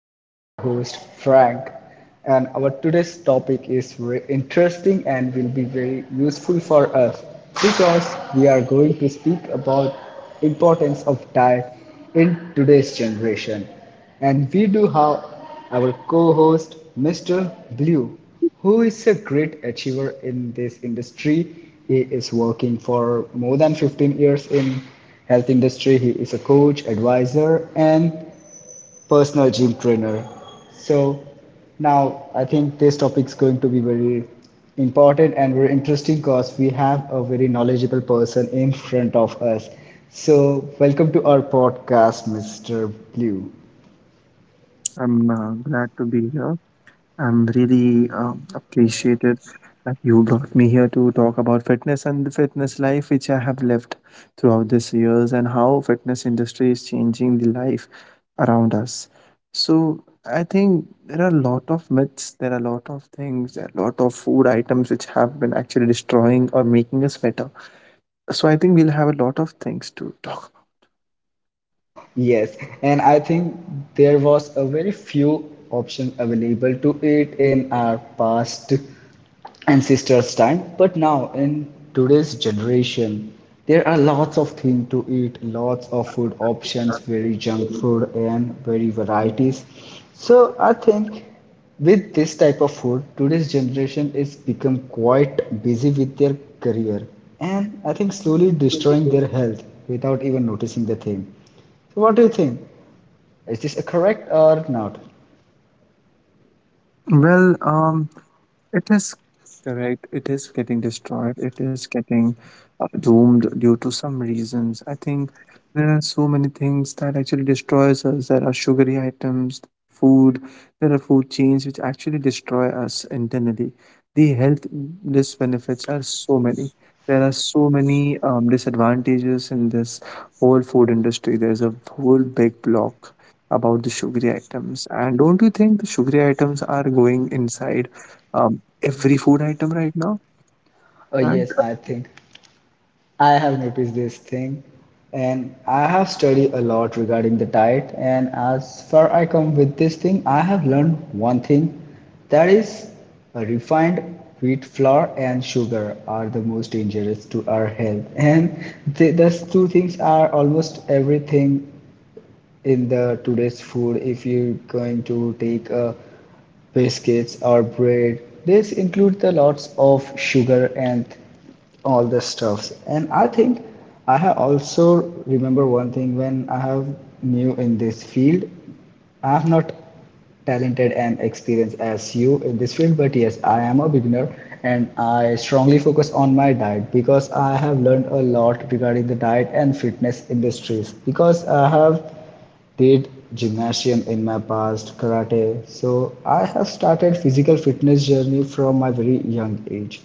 I am your host Frank, and our today's topic is very interesting and will be very useful for us because we are going to speak about importance of diet in today's generation. And we do have our co host, Mr. Blue, who is a great achiever in this industry. He is working for more than 15 years in health industry. He is a coach, advisor, and personal gym trainer. So now I think this topic is going to be very important and very interesting because we have a very knowledgeable person in front of us. So welcome to our podcast, Mr. Blue. I'm glad to be here. I'm really appreciated that you brought me here to talk about fitness and the fitness life which I have lived throughout these years and how fitness industry is changing the life around us. So I think there are a lot of myths, there are a lot of things, there are a lot of food items which have been actually destroying or making us better. So I think we'll have a lot of things to talk Yes, and I think there was a very few option available to it in our past ancestors' time, but now in today's generation, there are lots of things to eat, lots of food options, very junk food and very varieties. So I think with this type of food, today's generation is become quite busy with their career and I think slowly destroying their health without even noticing the thing. So what do you think? Is this correct or not? about. Well, it is correct. It is getting destroyed. It is getting doomed due to some reasons. I think there are so many things that actually destroys us. There are sugary items, food. There are food chains which actually destroy us internally. The health disbenefits are so many. There are so many disadvantages in this whole food industry. There's a whole big block about the sugary items. And don't you think the sugary items are going inside, um every food item right now? Oh And yes, I think I have noticed this thing and I have studied a lot regarding the diet and as far I come with this thing, I have learned one thing that is a refined wheat flour and sugar are the most dangerous to our health and those two things are almost everything in the today's food. If you're going to take biscuits or bread, this include the lots of sugar and all the stuffs. And I think I have also remember one thing when I have new in this field. I'm not talented and experienced as you in this field, but yes, I am a beginner and I strongly focus on my diet because I have learned a lot regarding the diet and fitness industries because I have did gymnasium in my past karate. So I have started physical fitness journey from my very young age,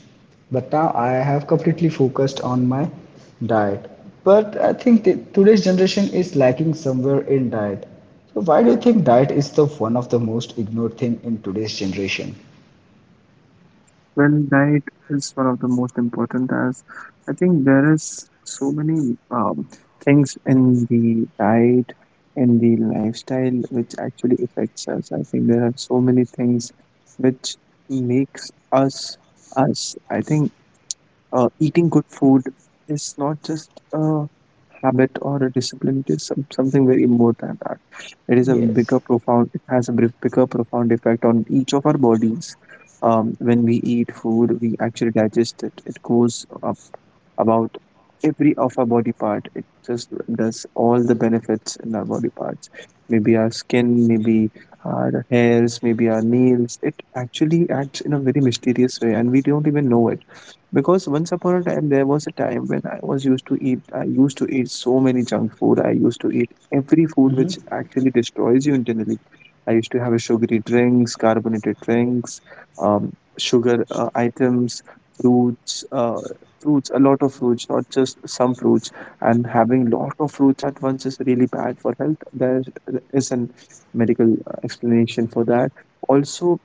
but now I have completely focused on my diet. But I think today's generation is lacking somewhere in diet. So why do you think diet is the one of the most ignored thing in today's generation? well, diet is one of the most important, as I think there is so many things in the diet, in the lifestyle, which actually affects us. I think there are so many things which makes us us. I think eating good food is not just a habit or a discipline, it is something very more than that. It is a Yes. bigger profound, it has a bigger profound effect on each of our bodies. When we eat food, we actually digest it. It goes about every of our body part. It just does all the benefits in our body parts. Maybe our skin, maybe our hairs, maybe our nails. It actually acts in a very mysterious way, and we don't even know it. Because once upon a time, there was a time when I was used to eat. I used to eat so many junk food. I used to eat every food which actually destroys you internally. I used to have a sugary drinks, carbonated drinks, um, sugar items, fruits. Fruits, a lot of fruits, not just some fruits. And having lot of fruits at once is really bad for health. There is a medical explanation for that. Also,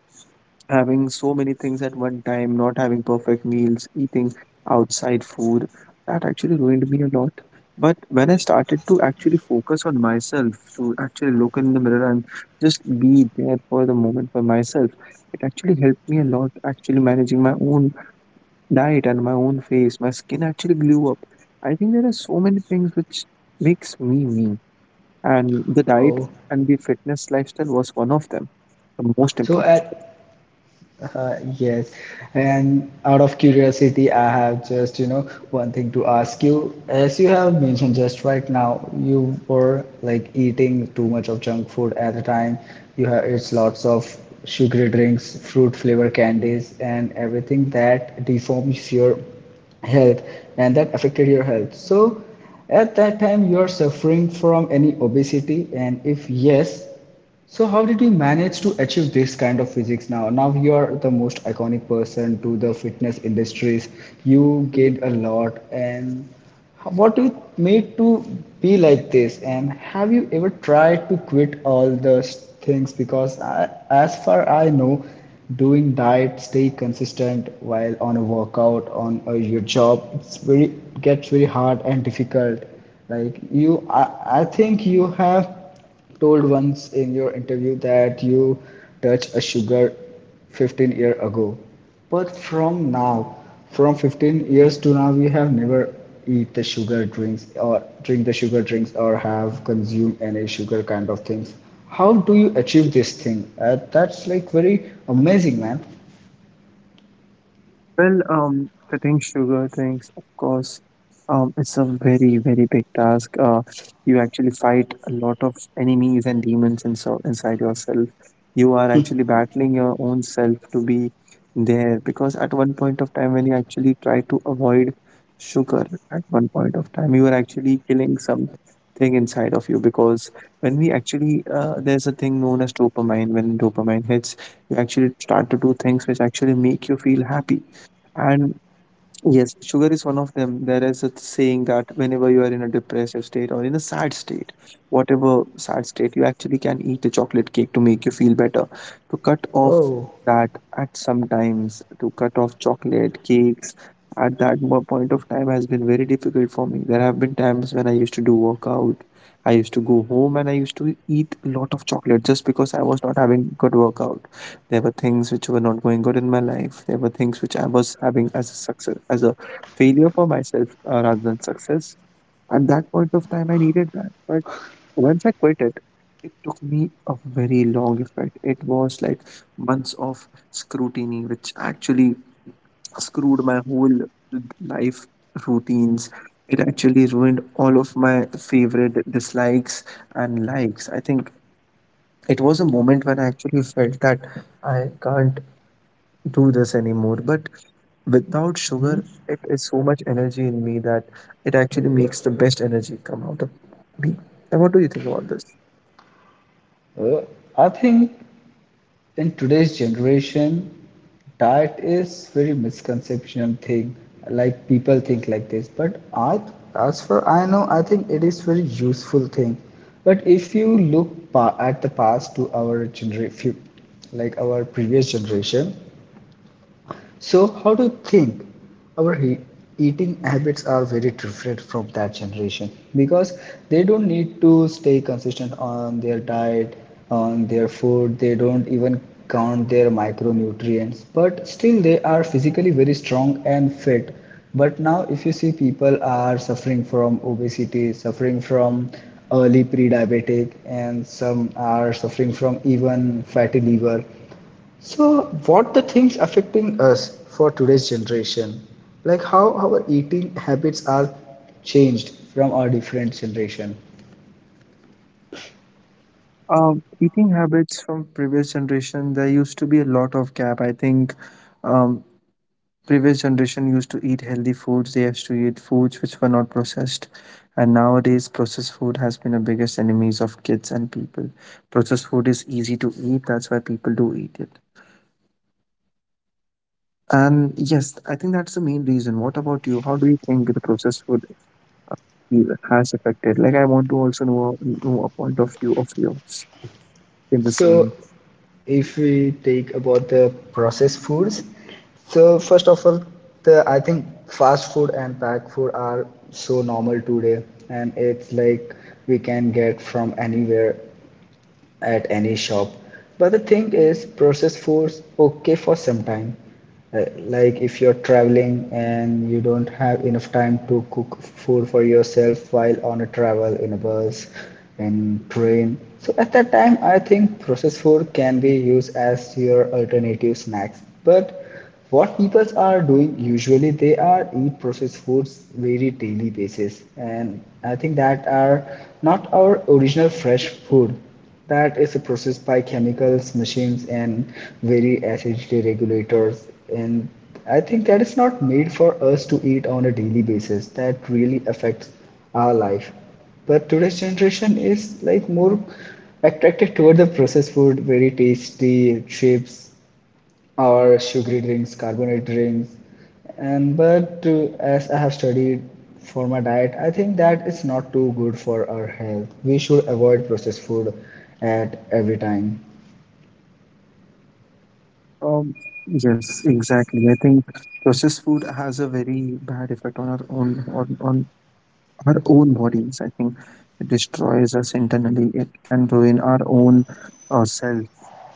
having so many things at one time, not having perfect meals, eating outside food, that actually ruined me a lot. But when I started to actually focus on myself, to actually look in the mirror and just be there for the moment for myself, it actually helped me a lot actually managing my own diet and my own face, my skin actually blew up. I think there are so many things which makes me me, and the diet Oh, and the fitness lifestyle was one of them, the most so important. at Yes, and out of curiosity, I have just, you know, one thing to ask you. As you have mentioned just right now, you were like eating too much of junk food at the time. You have it's lots of sugary drinks, fruit flavor candies, and everything that deforms your health and that affected your health. So at that time, you are suffering from any obesity, and if yes, so how did you manage to achieve this kind of physics now? Now you are the most iconic person to the fitness industries. You gained a lot and how- what you made to be like this? And have you ever tried to quit all those things? Because I, as far I know, doing diet stay consistent while on a workout on your job, it's very gets very hard and difficult. Like you I think you have told once in your interview that you touched a sugar 15 year ago, but from now, from 15 years to now, you have never eat the sugar drinks or drink the sugar drinks or have consumed any sugar kind of things. How do you achieve this thing? That's like very amazing man. Well, cutting sugar things, of course, it's a very, very big task. You actually fight a lot of enemies and demons inside yourself. You are actually battling your own self to be there because at one point of time, when you actually try to avoid sugar, at one point of time, you are actually killing something inside of you because there's a thing known as dopamine. When dopamine hits, you actually start to do things which actually make you feel happy, and yes, sugar is one of them. There is a saying that whenever you are in a depressive state or in a sad state, whatever sad state, you actually can eat a chocolate cake to make you feel better. To cut off Oh, that at some times, to cut off chocolate cakes at that point of time has been very difficult for me. There have been times when I used to do workout, I used to go home and I used to eat a lot of chocolate just because I was not having good workout. There were things which were not going good in my life. There were things which I was having as a success, as a failure for myself rather than success. At that point of time, I needed that. But once I quit it, it took me a very long effect. It was like months of scrutiny, which actually screwed my whole life routines. It actually ruined all of my favorite dislikes and likes. I think it was a moment when I actually felt that I can't do this anymore. But without sugar, it is so much energy in me that it actually makes the best energy come out of me. And what do you think about this? uh, I think in today's generation diet is very misconception thing, like people think like this, but I as for I know I think it is very useful thing. But if you look at the past to our generation, like our previous generation, so, how do you think our he- eating habits are very different from that generation? Because they don't need to stay consistent on their diet, on their food, they don't even count their micronutrients, but still they are physically very strong and fit. But now, if you see, people are suffering from obesity, suffering from early pre-diabetic, and some are suffering from even fatty liver. So, what the things affecting us for today's generation, like how our eating habits are changed from our different generation. Eating habits from previous generation, there used to be a lot of gap. I think um, previous generation used to eat healthy foods. They used to eat foods which were not processed. And nowadays, processed food has been the biggest enemies of kids and people. Processed food is easy to eat. That's why people do eat it. And yes, I think that's the main reason. What about you? How do you think the process would be, has affected? Like, I want to also know a point of view of yours in the So, same. if we take about the processed foods, so first of all, the I think fast food and packed food are so normal today, and it's like we can get from anywhere at any shop. But the thing is, processed foods okay for some time. Like if you're traveling and you don't have enough time to cook food for yourself while on a travel in a bus and train. So at that time, I think processed food can be used as your alternative snacks. But what people are doing usually, they are eat processed foods very daily basis. And I think that are not our original fresh food, that is processed by chemicals machines and very acidity regulators. And I think that is not made for us to eat on a daily basis, that really affects our life. But today's generation is like more attracted toward the processed food, very tasty chips or sugary drinks, carbonated drinks. And but as I have studied for my diet, I think that it's not too good for our health. We should avoid processed food at every time. Um, yes, exactly. I think processed food has a very bad effect on our own on our own bodies. I think it destroys us internally. It can ruin our own self,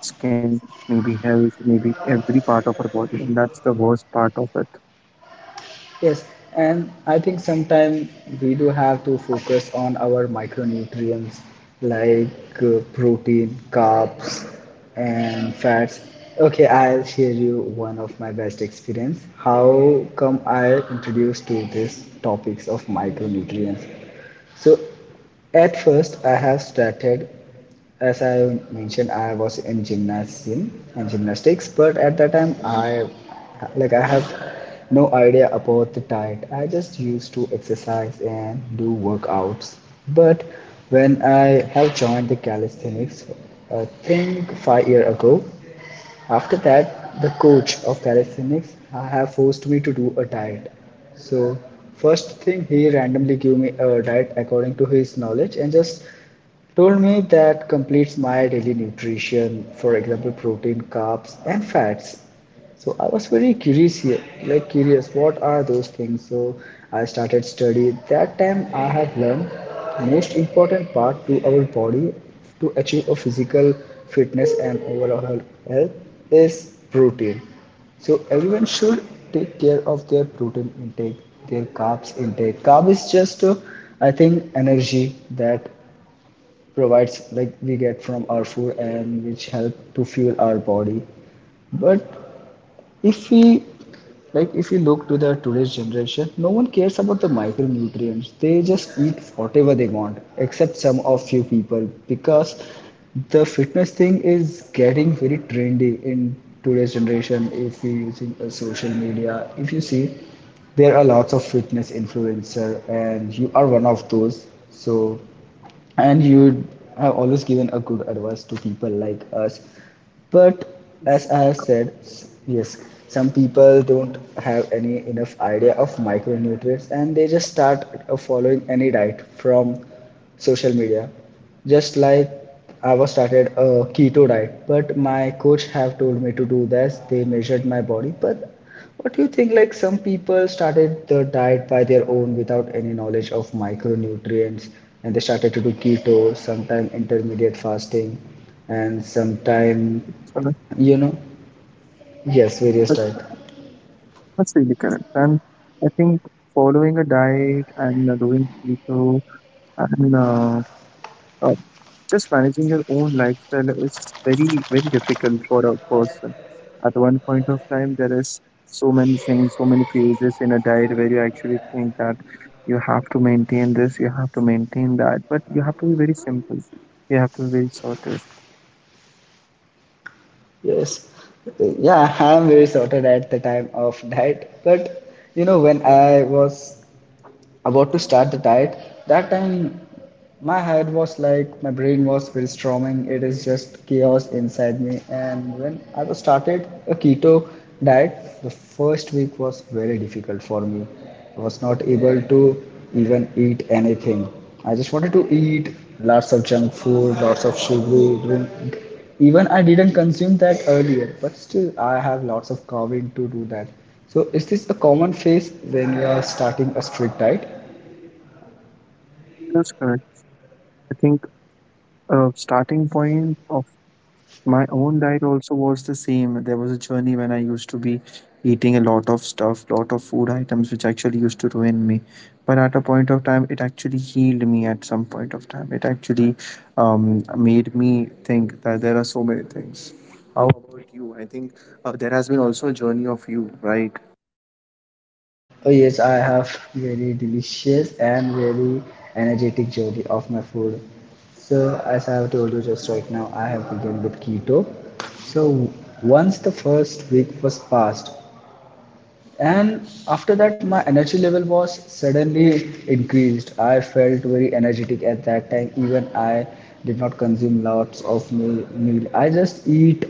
skin, maybe health, maybe every part of our body, and that's the worst part of it. Yes, and I think sometimes we do have to focus on our micronutrients, like protein, carbs, and fats. Okay, I'll share you one of my best experience. How come I introduced to this topics of micronutrients? So at first I have started, as I mentioned, I was in gymnasium and gymnastics, but at that time, I like I have no idea about the diet. I just used to exercise and do workouts. But when I have joined the calisthenics, I think 5 year ago, after that, the coach of calisthenics have forced me to do a diet. So first thing he randomly gave me a diet according to his knowledge and just told me that completes my daily nutrition, for example, protein, carbs, and fats. So I was very curious here, like curious, what are those things? So I started study. That time I have learned most important part to our body to achieve a physical fitness and overall health is protein. So everyone should take care of their protein intake, their carbs intake. Carb is just, I think, energy that provides like we get from our food and which help to fuel our body. But if we, like if you look to the today's generation, no one cares about the micronutrients, they just eat whatever they want except some of few people, because the fitness thing is getting very trendy in today's generation. If you're using a social media, if you see, there are lots of fitness influencer and you are one of those. So and you have always given a good advice to people like us. But as I have said yes, some people don't have any enough idea of micronutrients and they just start following any diet from social media. Just like I was started a keto diet, but my coach have told me to do this, they measured my body. But what do you think? Like some people started the diet by their own without any knowledge of micronutrients, and they started to do keto, sometime intermediate fasting, and sometime, So you know, yes, various that- diet. that's really correct. And I think following a diet and doing keto and uh, just managing your own lifestyle is very, very difficult for a person. At one point of time, there is so many things, so many phases in a diet where you actually think that you have to maintain this, you have to maintain that, but you have to be very simple. You have to be very sorted. Yes, yeah, I'm very sorted at the time of diet, but you know, when I was about to start the diet, that time my head was like my brain was very storming, it is just chaos inside me. And when I was started a keto diet, the first week was very difficult for me. I was not able to even eat anything. I just wanted to eat lots of junk food, lots of sugary drink. Even I didn't consume that earlier, but still I have lots of craving to do that. So, is this a common phase when you are starting a strict diet? That's correct. I think starting point of my own diet also was the same. There was a journey when I used to be eating a lot of stuff, lot of food items, which actually used to ruin me. But at a point of time, it actually healed me at some point of time. It actually made me think that there are so many things. How about you? I think there has been also a journey of you, right? Oh, yes, I have very delicious and very energetic journey of my food. So, as I have told you just right now, I have begun with keto. So, once the first week was passed, and after that, my energy level was suddenly increased. I felt very energetic at that time. Even I did not consume lots of meal. I just eat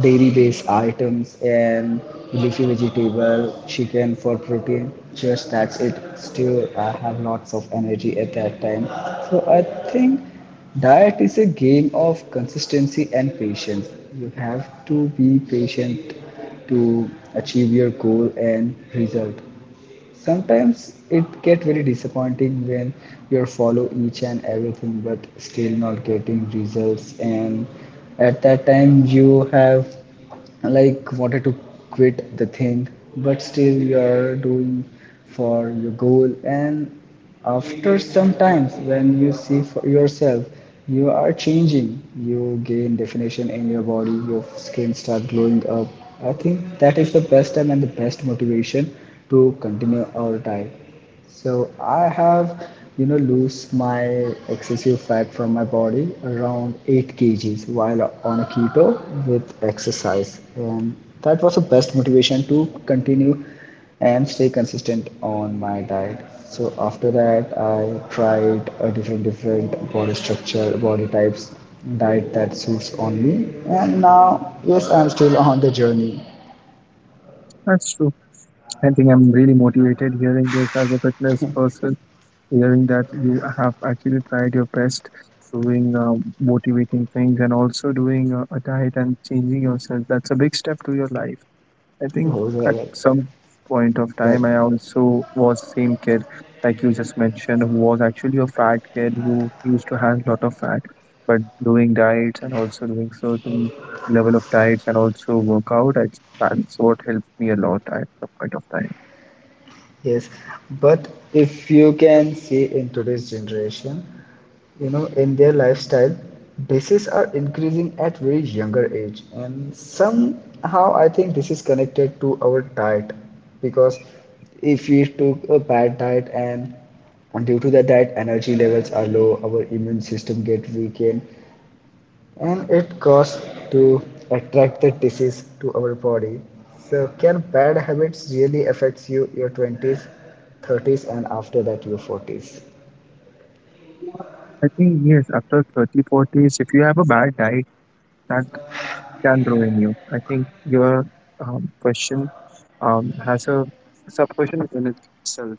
dairy-based items and leafy vegetable, chicken for protein. Just that's it. Still, I have lots of energy at that time. So I think diet is a game of consistency and patience. You have to be patient to achieve your goal and result. Sometimes it get very disappointing when you follow each and everything but still not getting results, and at that time you have like wanted to quit the thing, but still you are doing for your goal. And after some times, when you see for yourself, you are changing. You gain definition in your body. Your skin start glowing up. I think that is the best time and the best motivation to continue our diet. So I have, lose my excessive fat from my body around 8 kgs while on a keto with exercise, and that was the best motivation to continue and stay consistent on my diet. So after that, I tried a different body structure, body types, diet that suits on me. And now, yes, I'm still on the journey. That's true. I think I'm really motivated hearing this as a fitness person, hearing that you have actually tried your best doing motivating things and also doing a diet and changing yourself. That's a big step to your life. I Oh, think at some point of well. time I also was same kid like you just mentioned, who was actually a fat kid who used to have a lot of fat, but doing diets and also doing certain level of diets and also workout, that's what helped me a lot at some point of time. Yes, but if you can see in today's generation, you know, in their lifestyle, diseases are increasing at very younger age, and somehow I think this is connected to our diet because if we took a bad diet and due to the diet energy levels are low, our immune system get weakened, and it costs to attract the disease to our body. So can bad habits really affect you your 20s, 30s and after that your 40s? I think yes, after 30 40s, if you have a bad diet, that can ruin you. I think your question has a sub question in itself.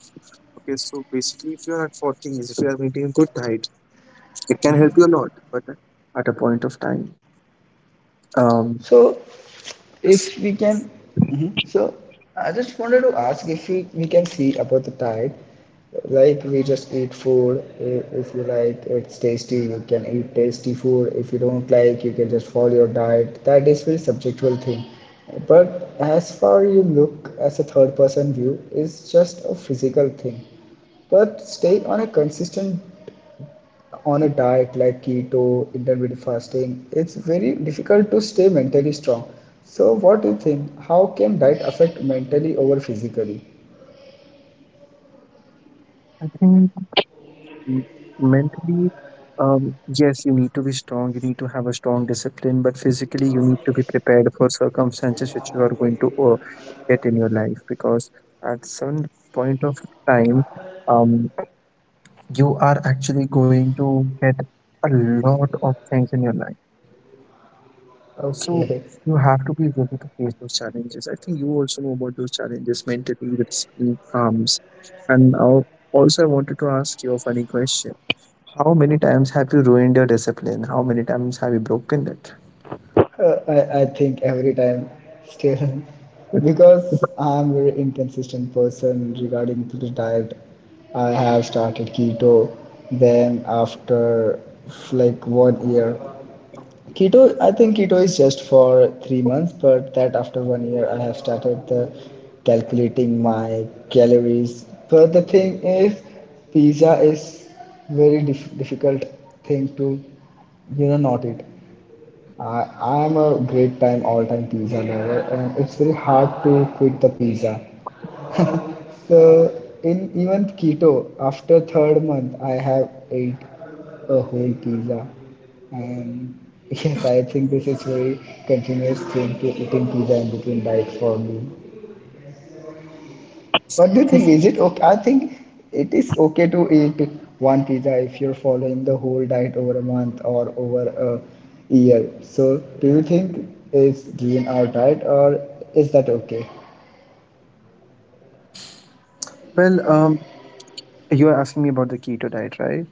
Okay, so basically, if you're at 40, if you are maintaining good diet, it can help you a lot. But at a point of time, um, So yes, if we can, Mhm. So I just wanted to ask if we can see about the diet, like we just eat food. If you like, it's tasty. You can eat tasty food. If you don't like, you can just follow your diet. That is very subjectual thing. But as far you look as a third person view, is just a physical thing. But stay on a consistent on a diet like keto, intermittent fasting, it's very difficult to stay mentally strong. So, what do you think? How can diet affect mentally over physically? I think m- mentally, yes, you need to be strong. You need to have a strong discipline. But physically, you need to be prepared for circumstances which you are going to get in your life because at some point of time. Um, you are actually going to get a lot of things in your life. So Okay. you have to be ready to face those challenges. I think you also know about those challenges mentally with certain arms. And also, I wanted to ask you a funny question. How many times have you ruined your discipline? How many times have you broken it? I think every time still, because I'm very inconsistent person regarding to the diet. I have started keto, then after like 1 year Keto, I think keto is just for 3 months, but that after 1 year, I have started the calculating my calories. But the thing is, pizza is very difficult thing to, you know, not eat. I am a great time all time pizza lover, and it's very hard to quit the pizza. So in even keto, after third month, I have ate a whole pizza, and yes, I think this is very continuous thing to eating pizza in between diet for me. What do you I think, think? Is it okay? I think it is okay to eat one pizza if you're following the whole diet over a month or over a year. So do you think it's during our diet or is that okay? well, you are asking me about the keto diet, right?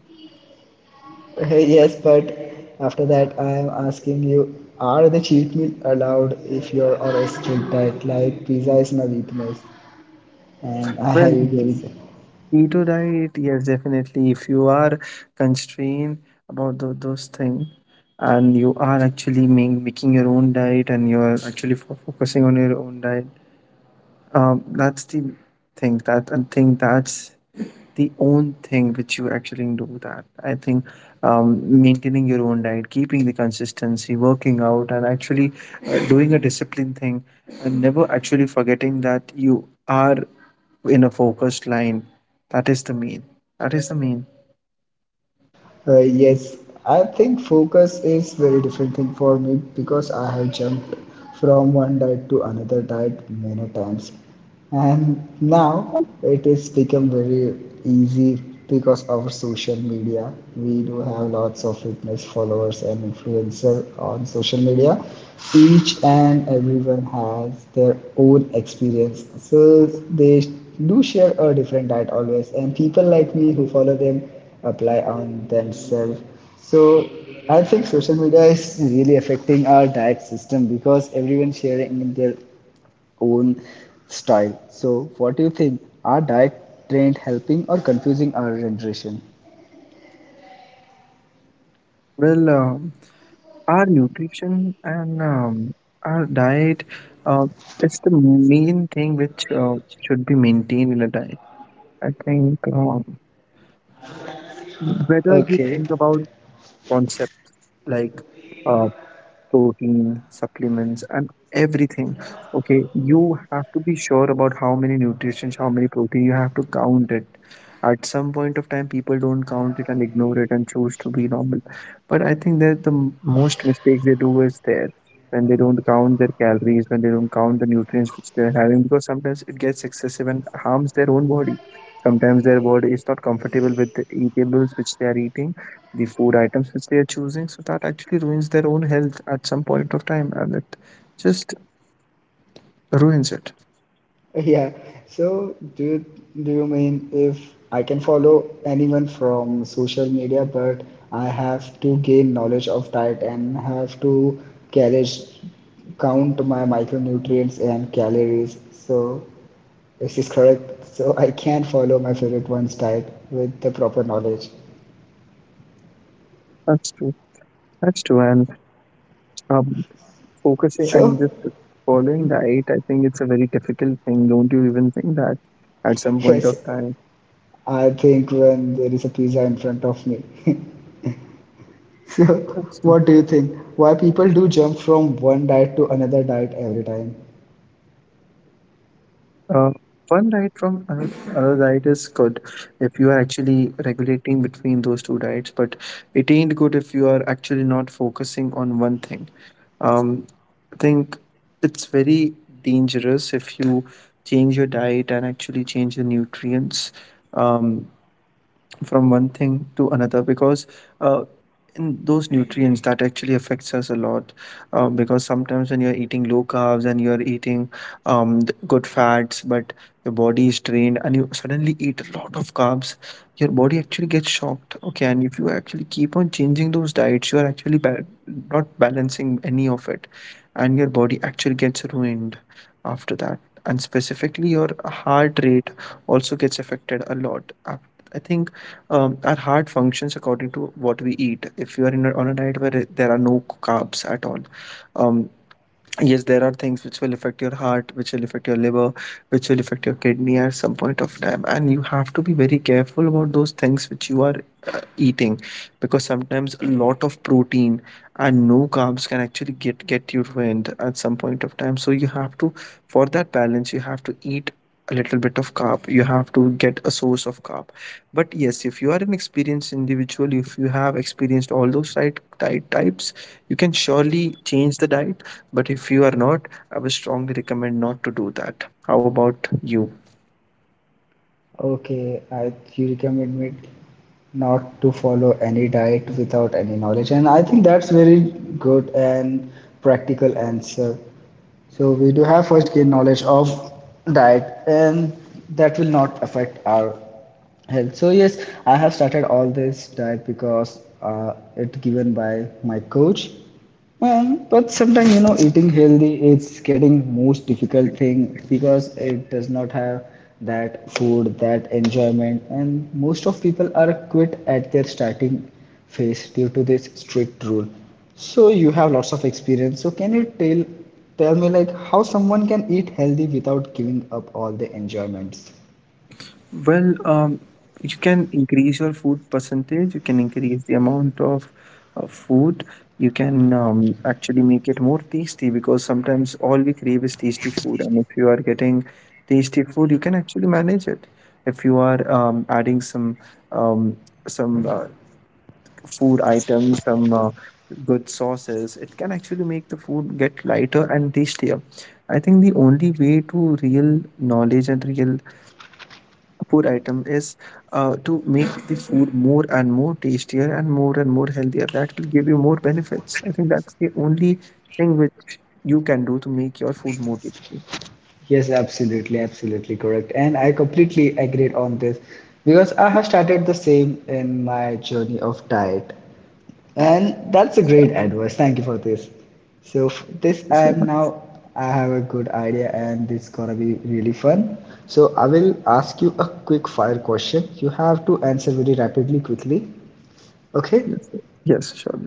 Hey, yes, but after that, I am asking you, are the cheat meal allowed if you're on a strict diet? Like pizza is my weakness, and I have Well, eat yes. pizza. Keto diet, yes, definitely. If you are constrained about those things and you are actually making your own diet and you are actually focusing on your own diet, that's the thing. That I think that's the own thing which you actually do, that I think, maintaining your own diet, keeping the consistency, working out, and actually doing a discipline thing, and never actually forgetting that you are in a focused line, that is the main that is the main. Yes, I think focus is very different thing for me because I have jumped from one diet to another diet many times, and now it is become very easy because our social media. We do have lots of fitness followers and influencer on social media. Each and everyone has their own experience, so they do share a different diet always. And people like me who follow them apply on themselves. So I think social media is really affecting our diet system because everyone sharing their own style. So what do you think? Are diet trend helping or confusing our generation? Well, our nutrition and our diet uh, is the main thing which should be maintained in a diet, I think, whether you Okay. think about like uh, protein, supplements, and everything. Okay, you have to be sure about how many nutrients, how many protein, you have to count it. At some point of time, people don't count it and ignore it and choose to be normal. But I think that the most mistakes they do is there when they don't count their calories, when they don't count the nutrients which they're having, because sometimes it gets excessive and harms their own body. Sometimes their body is not comfortable with the eatables which they are eating, the food items which they are choosing. So that actually ruins their own health at some point of time, and it just ruins it. Yeah. So do you mean if I can follow anyone from social media, but I have to gain knowledge of diet and have to calories, count my micronutrients and calories. So this is correct. So I can follow my favorite one's diet with the proper knowledge. That's true. That's true. And um, focusing So and just following diet, I think it's a very difficult thing. Don't you even think that at some point yes, of time? I think when there is a pizza in front of me. So, That's true. what do you think? Why people do jump from one diet to another diet every time? Uh, one diet from another, another diet is good if you are actually regulating between those two diets, but it ain't good if you are actually not focusing on one thing. Um, I think it's very dangerous if you change your diet and actually change the nutrients. Um, from one thing to another, because uh, in those nutrients that actually affects us a lot, because sometimes when you're eating low carbs and you're eating good fats, but your body is trained and you suddenly eat a lot of carbs, your body actually gets shocked, okay, and if you actually keep on changing those diets, you are actually not balancing any of it, and your body actually gets ruined after that, and specifically your heart rate also gets affected a lot. I think our heart functions according to what we eat. If you are on a diet where there are no carbs at all, um, yes, there are things which will affect your heart, which will affect your liver, which will affect your kidney at some point of time, and you have to be very careful about those things which you are eating, because sometimes a lot of protein and no carbs can actually get you ruined at some point of time. So you have to, for that balance, you have to eat a little bit of carb. You have to get a source of carb, but yes, if you are an experienced individual, if you have experienced all those diet types, you can surely change the diet. But if you are not, I would strongly recommend not to do that. How about you? Okay, I you recommend me not to follow any diet without any knowledge, and I think that's very good and practical answer. So we do have first gain knowledge of diet, and that will not affect our health. So yes, I have started all this diet because it given by my coach. Well, but sometimes you know eating healthy is getting most difficult thing because it does not have that food, that enjoyment, and most of people are quit at their starting phase due to this strict rule. So you have lots of experience. So can you tell me like how someone can eat healthy without giving up all the enjoyments? Well, you can increase your food percentage, you can increase the amount of food, you can actually make it more tasty because sometimes all we crave is tasty food. And if you are getting tasty food, you can actually manage it. If you are adding um, some food items, some good sauces, it can actually make the food get lighter and tastier. I think the only way to real knowledge and real food item is to make the food more and more tastier and more healthier. That will give you more benefits. I think that's the only thing which you can do to make your food more tasty. Yes, absolutely, absolutely correct. And I completely agree on this because I have started the same in my journey of diet. And that's a So, great advice. Thank you for this. So f- thank this you I so am much. now I have a good idea and this gonna be really fun. So I will ask you a quick fire question. You have to answer very rapidly, quickly. Okay? Yes, sir. Yes, sure,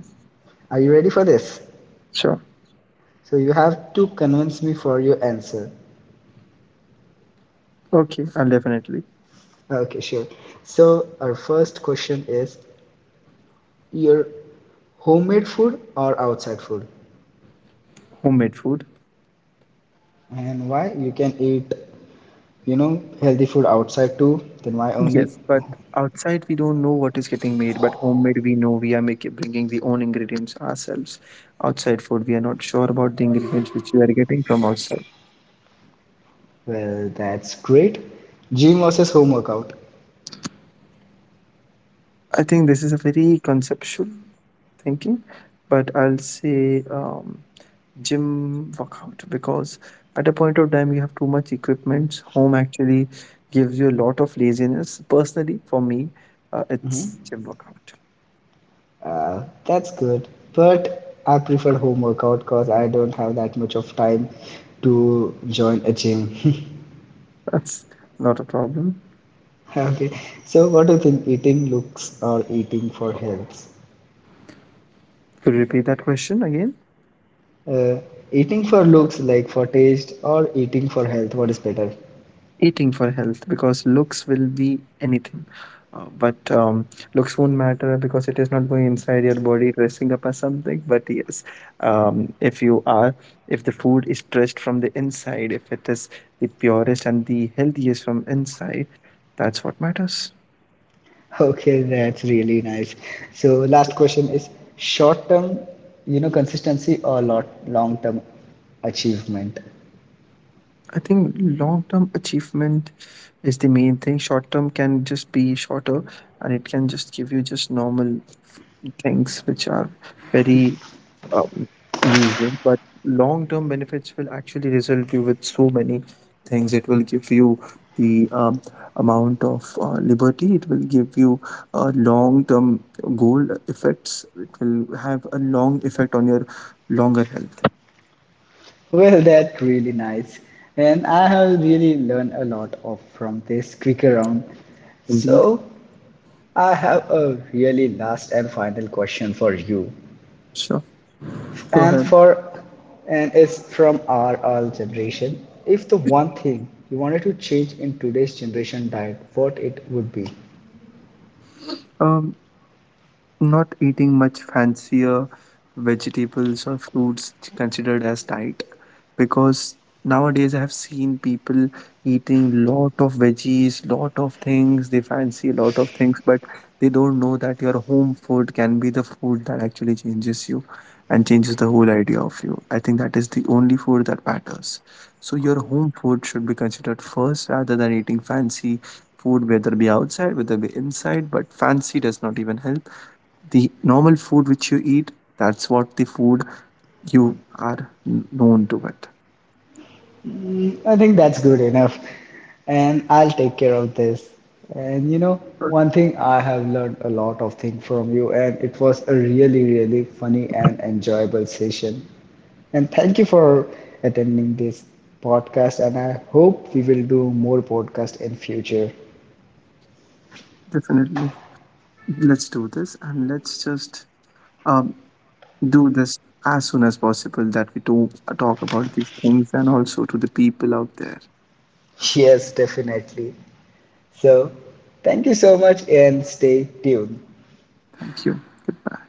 Are you ready for this? sure. So you have to convince me for your answer. Okay, I'll definitely Okay, sure. So our first question is your homemade food or outside food? homemade food. And why you can eat, you know, healthy food outside too, then why only Yes, but outside we don't know what is getting made, but homemade we know we are making, bringing the own ingredients ourselves. Outside food we are not sure about the ingredients which we are getting from outside. Well, that's great. Gym versus home workout. I think this is a very conceptual thinking, but I'll say gym workout because at a point of time you have too much equipment. Home actually gives you a lot of laziness. Personally, for me, Hmm. it's gym workout. That's good. But I prefer home workout because I don't have that much of time to join a gym. That's not a problem. Okay. So what do you think eating looks or eating for health? Could you repeat that question again? Uh, Eating for looks like for taste or eating for health, what is better? Eating for health, because looks will be anything, but looks won't matter because it is not going inside your body dressing up as something, but yes, if you are, if the food is dressed from the inside, if it is the purest and the healthiest from inside, that's what matters. Okay, that's really nice. So last question is short term, you know, consistency or lot long term achievement? I think long term achievement is the main thing. Short term can just be shorter, and it can just give you just normal things which are very um, usual, but long term benefits will actually result you with so many things. It will give you the amount of liberty, it will give you a long term goal effects, it will have a long effect on your longer health. Well, that's really nice. And I have really learned a lot of from this quicker round. Indeed. So I have a really last and final question for you. Sure. Go And ahead. for and it's from our all generation. If the one thing you wanted to change in today's generation diet, what it would be? Um, Not eating much fancier vegetables or fruits considered as diet, because nowadays I have seen people eating lot of veggies, lot of things, they fancy a lot of things, but they don't know that your home food can be the food that actually changes you and changes the whole idea of you. I think that is the only food that matters. So your home food should be considered first rather than eating fancy food, whether it be outside, whether it be inside, but fancy does not even help the normal food which you eat. That's what the food you are known to it. I think that's good enough. And I'll take care of this. And you know, Uh, one thing I have learned a lot of things from you, and it was a really, really funny and enjoyable session. And thank you for attending this podcast. And I hope we will do more podcast in future. definitely, let's do this and let's just um, do this as soon as possible, that we do talk about these things and also to the people out there. Yes, definitely. So, thank you so much and stay tuned. Thank you. Goodbye.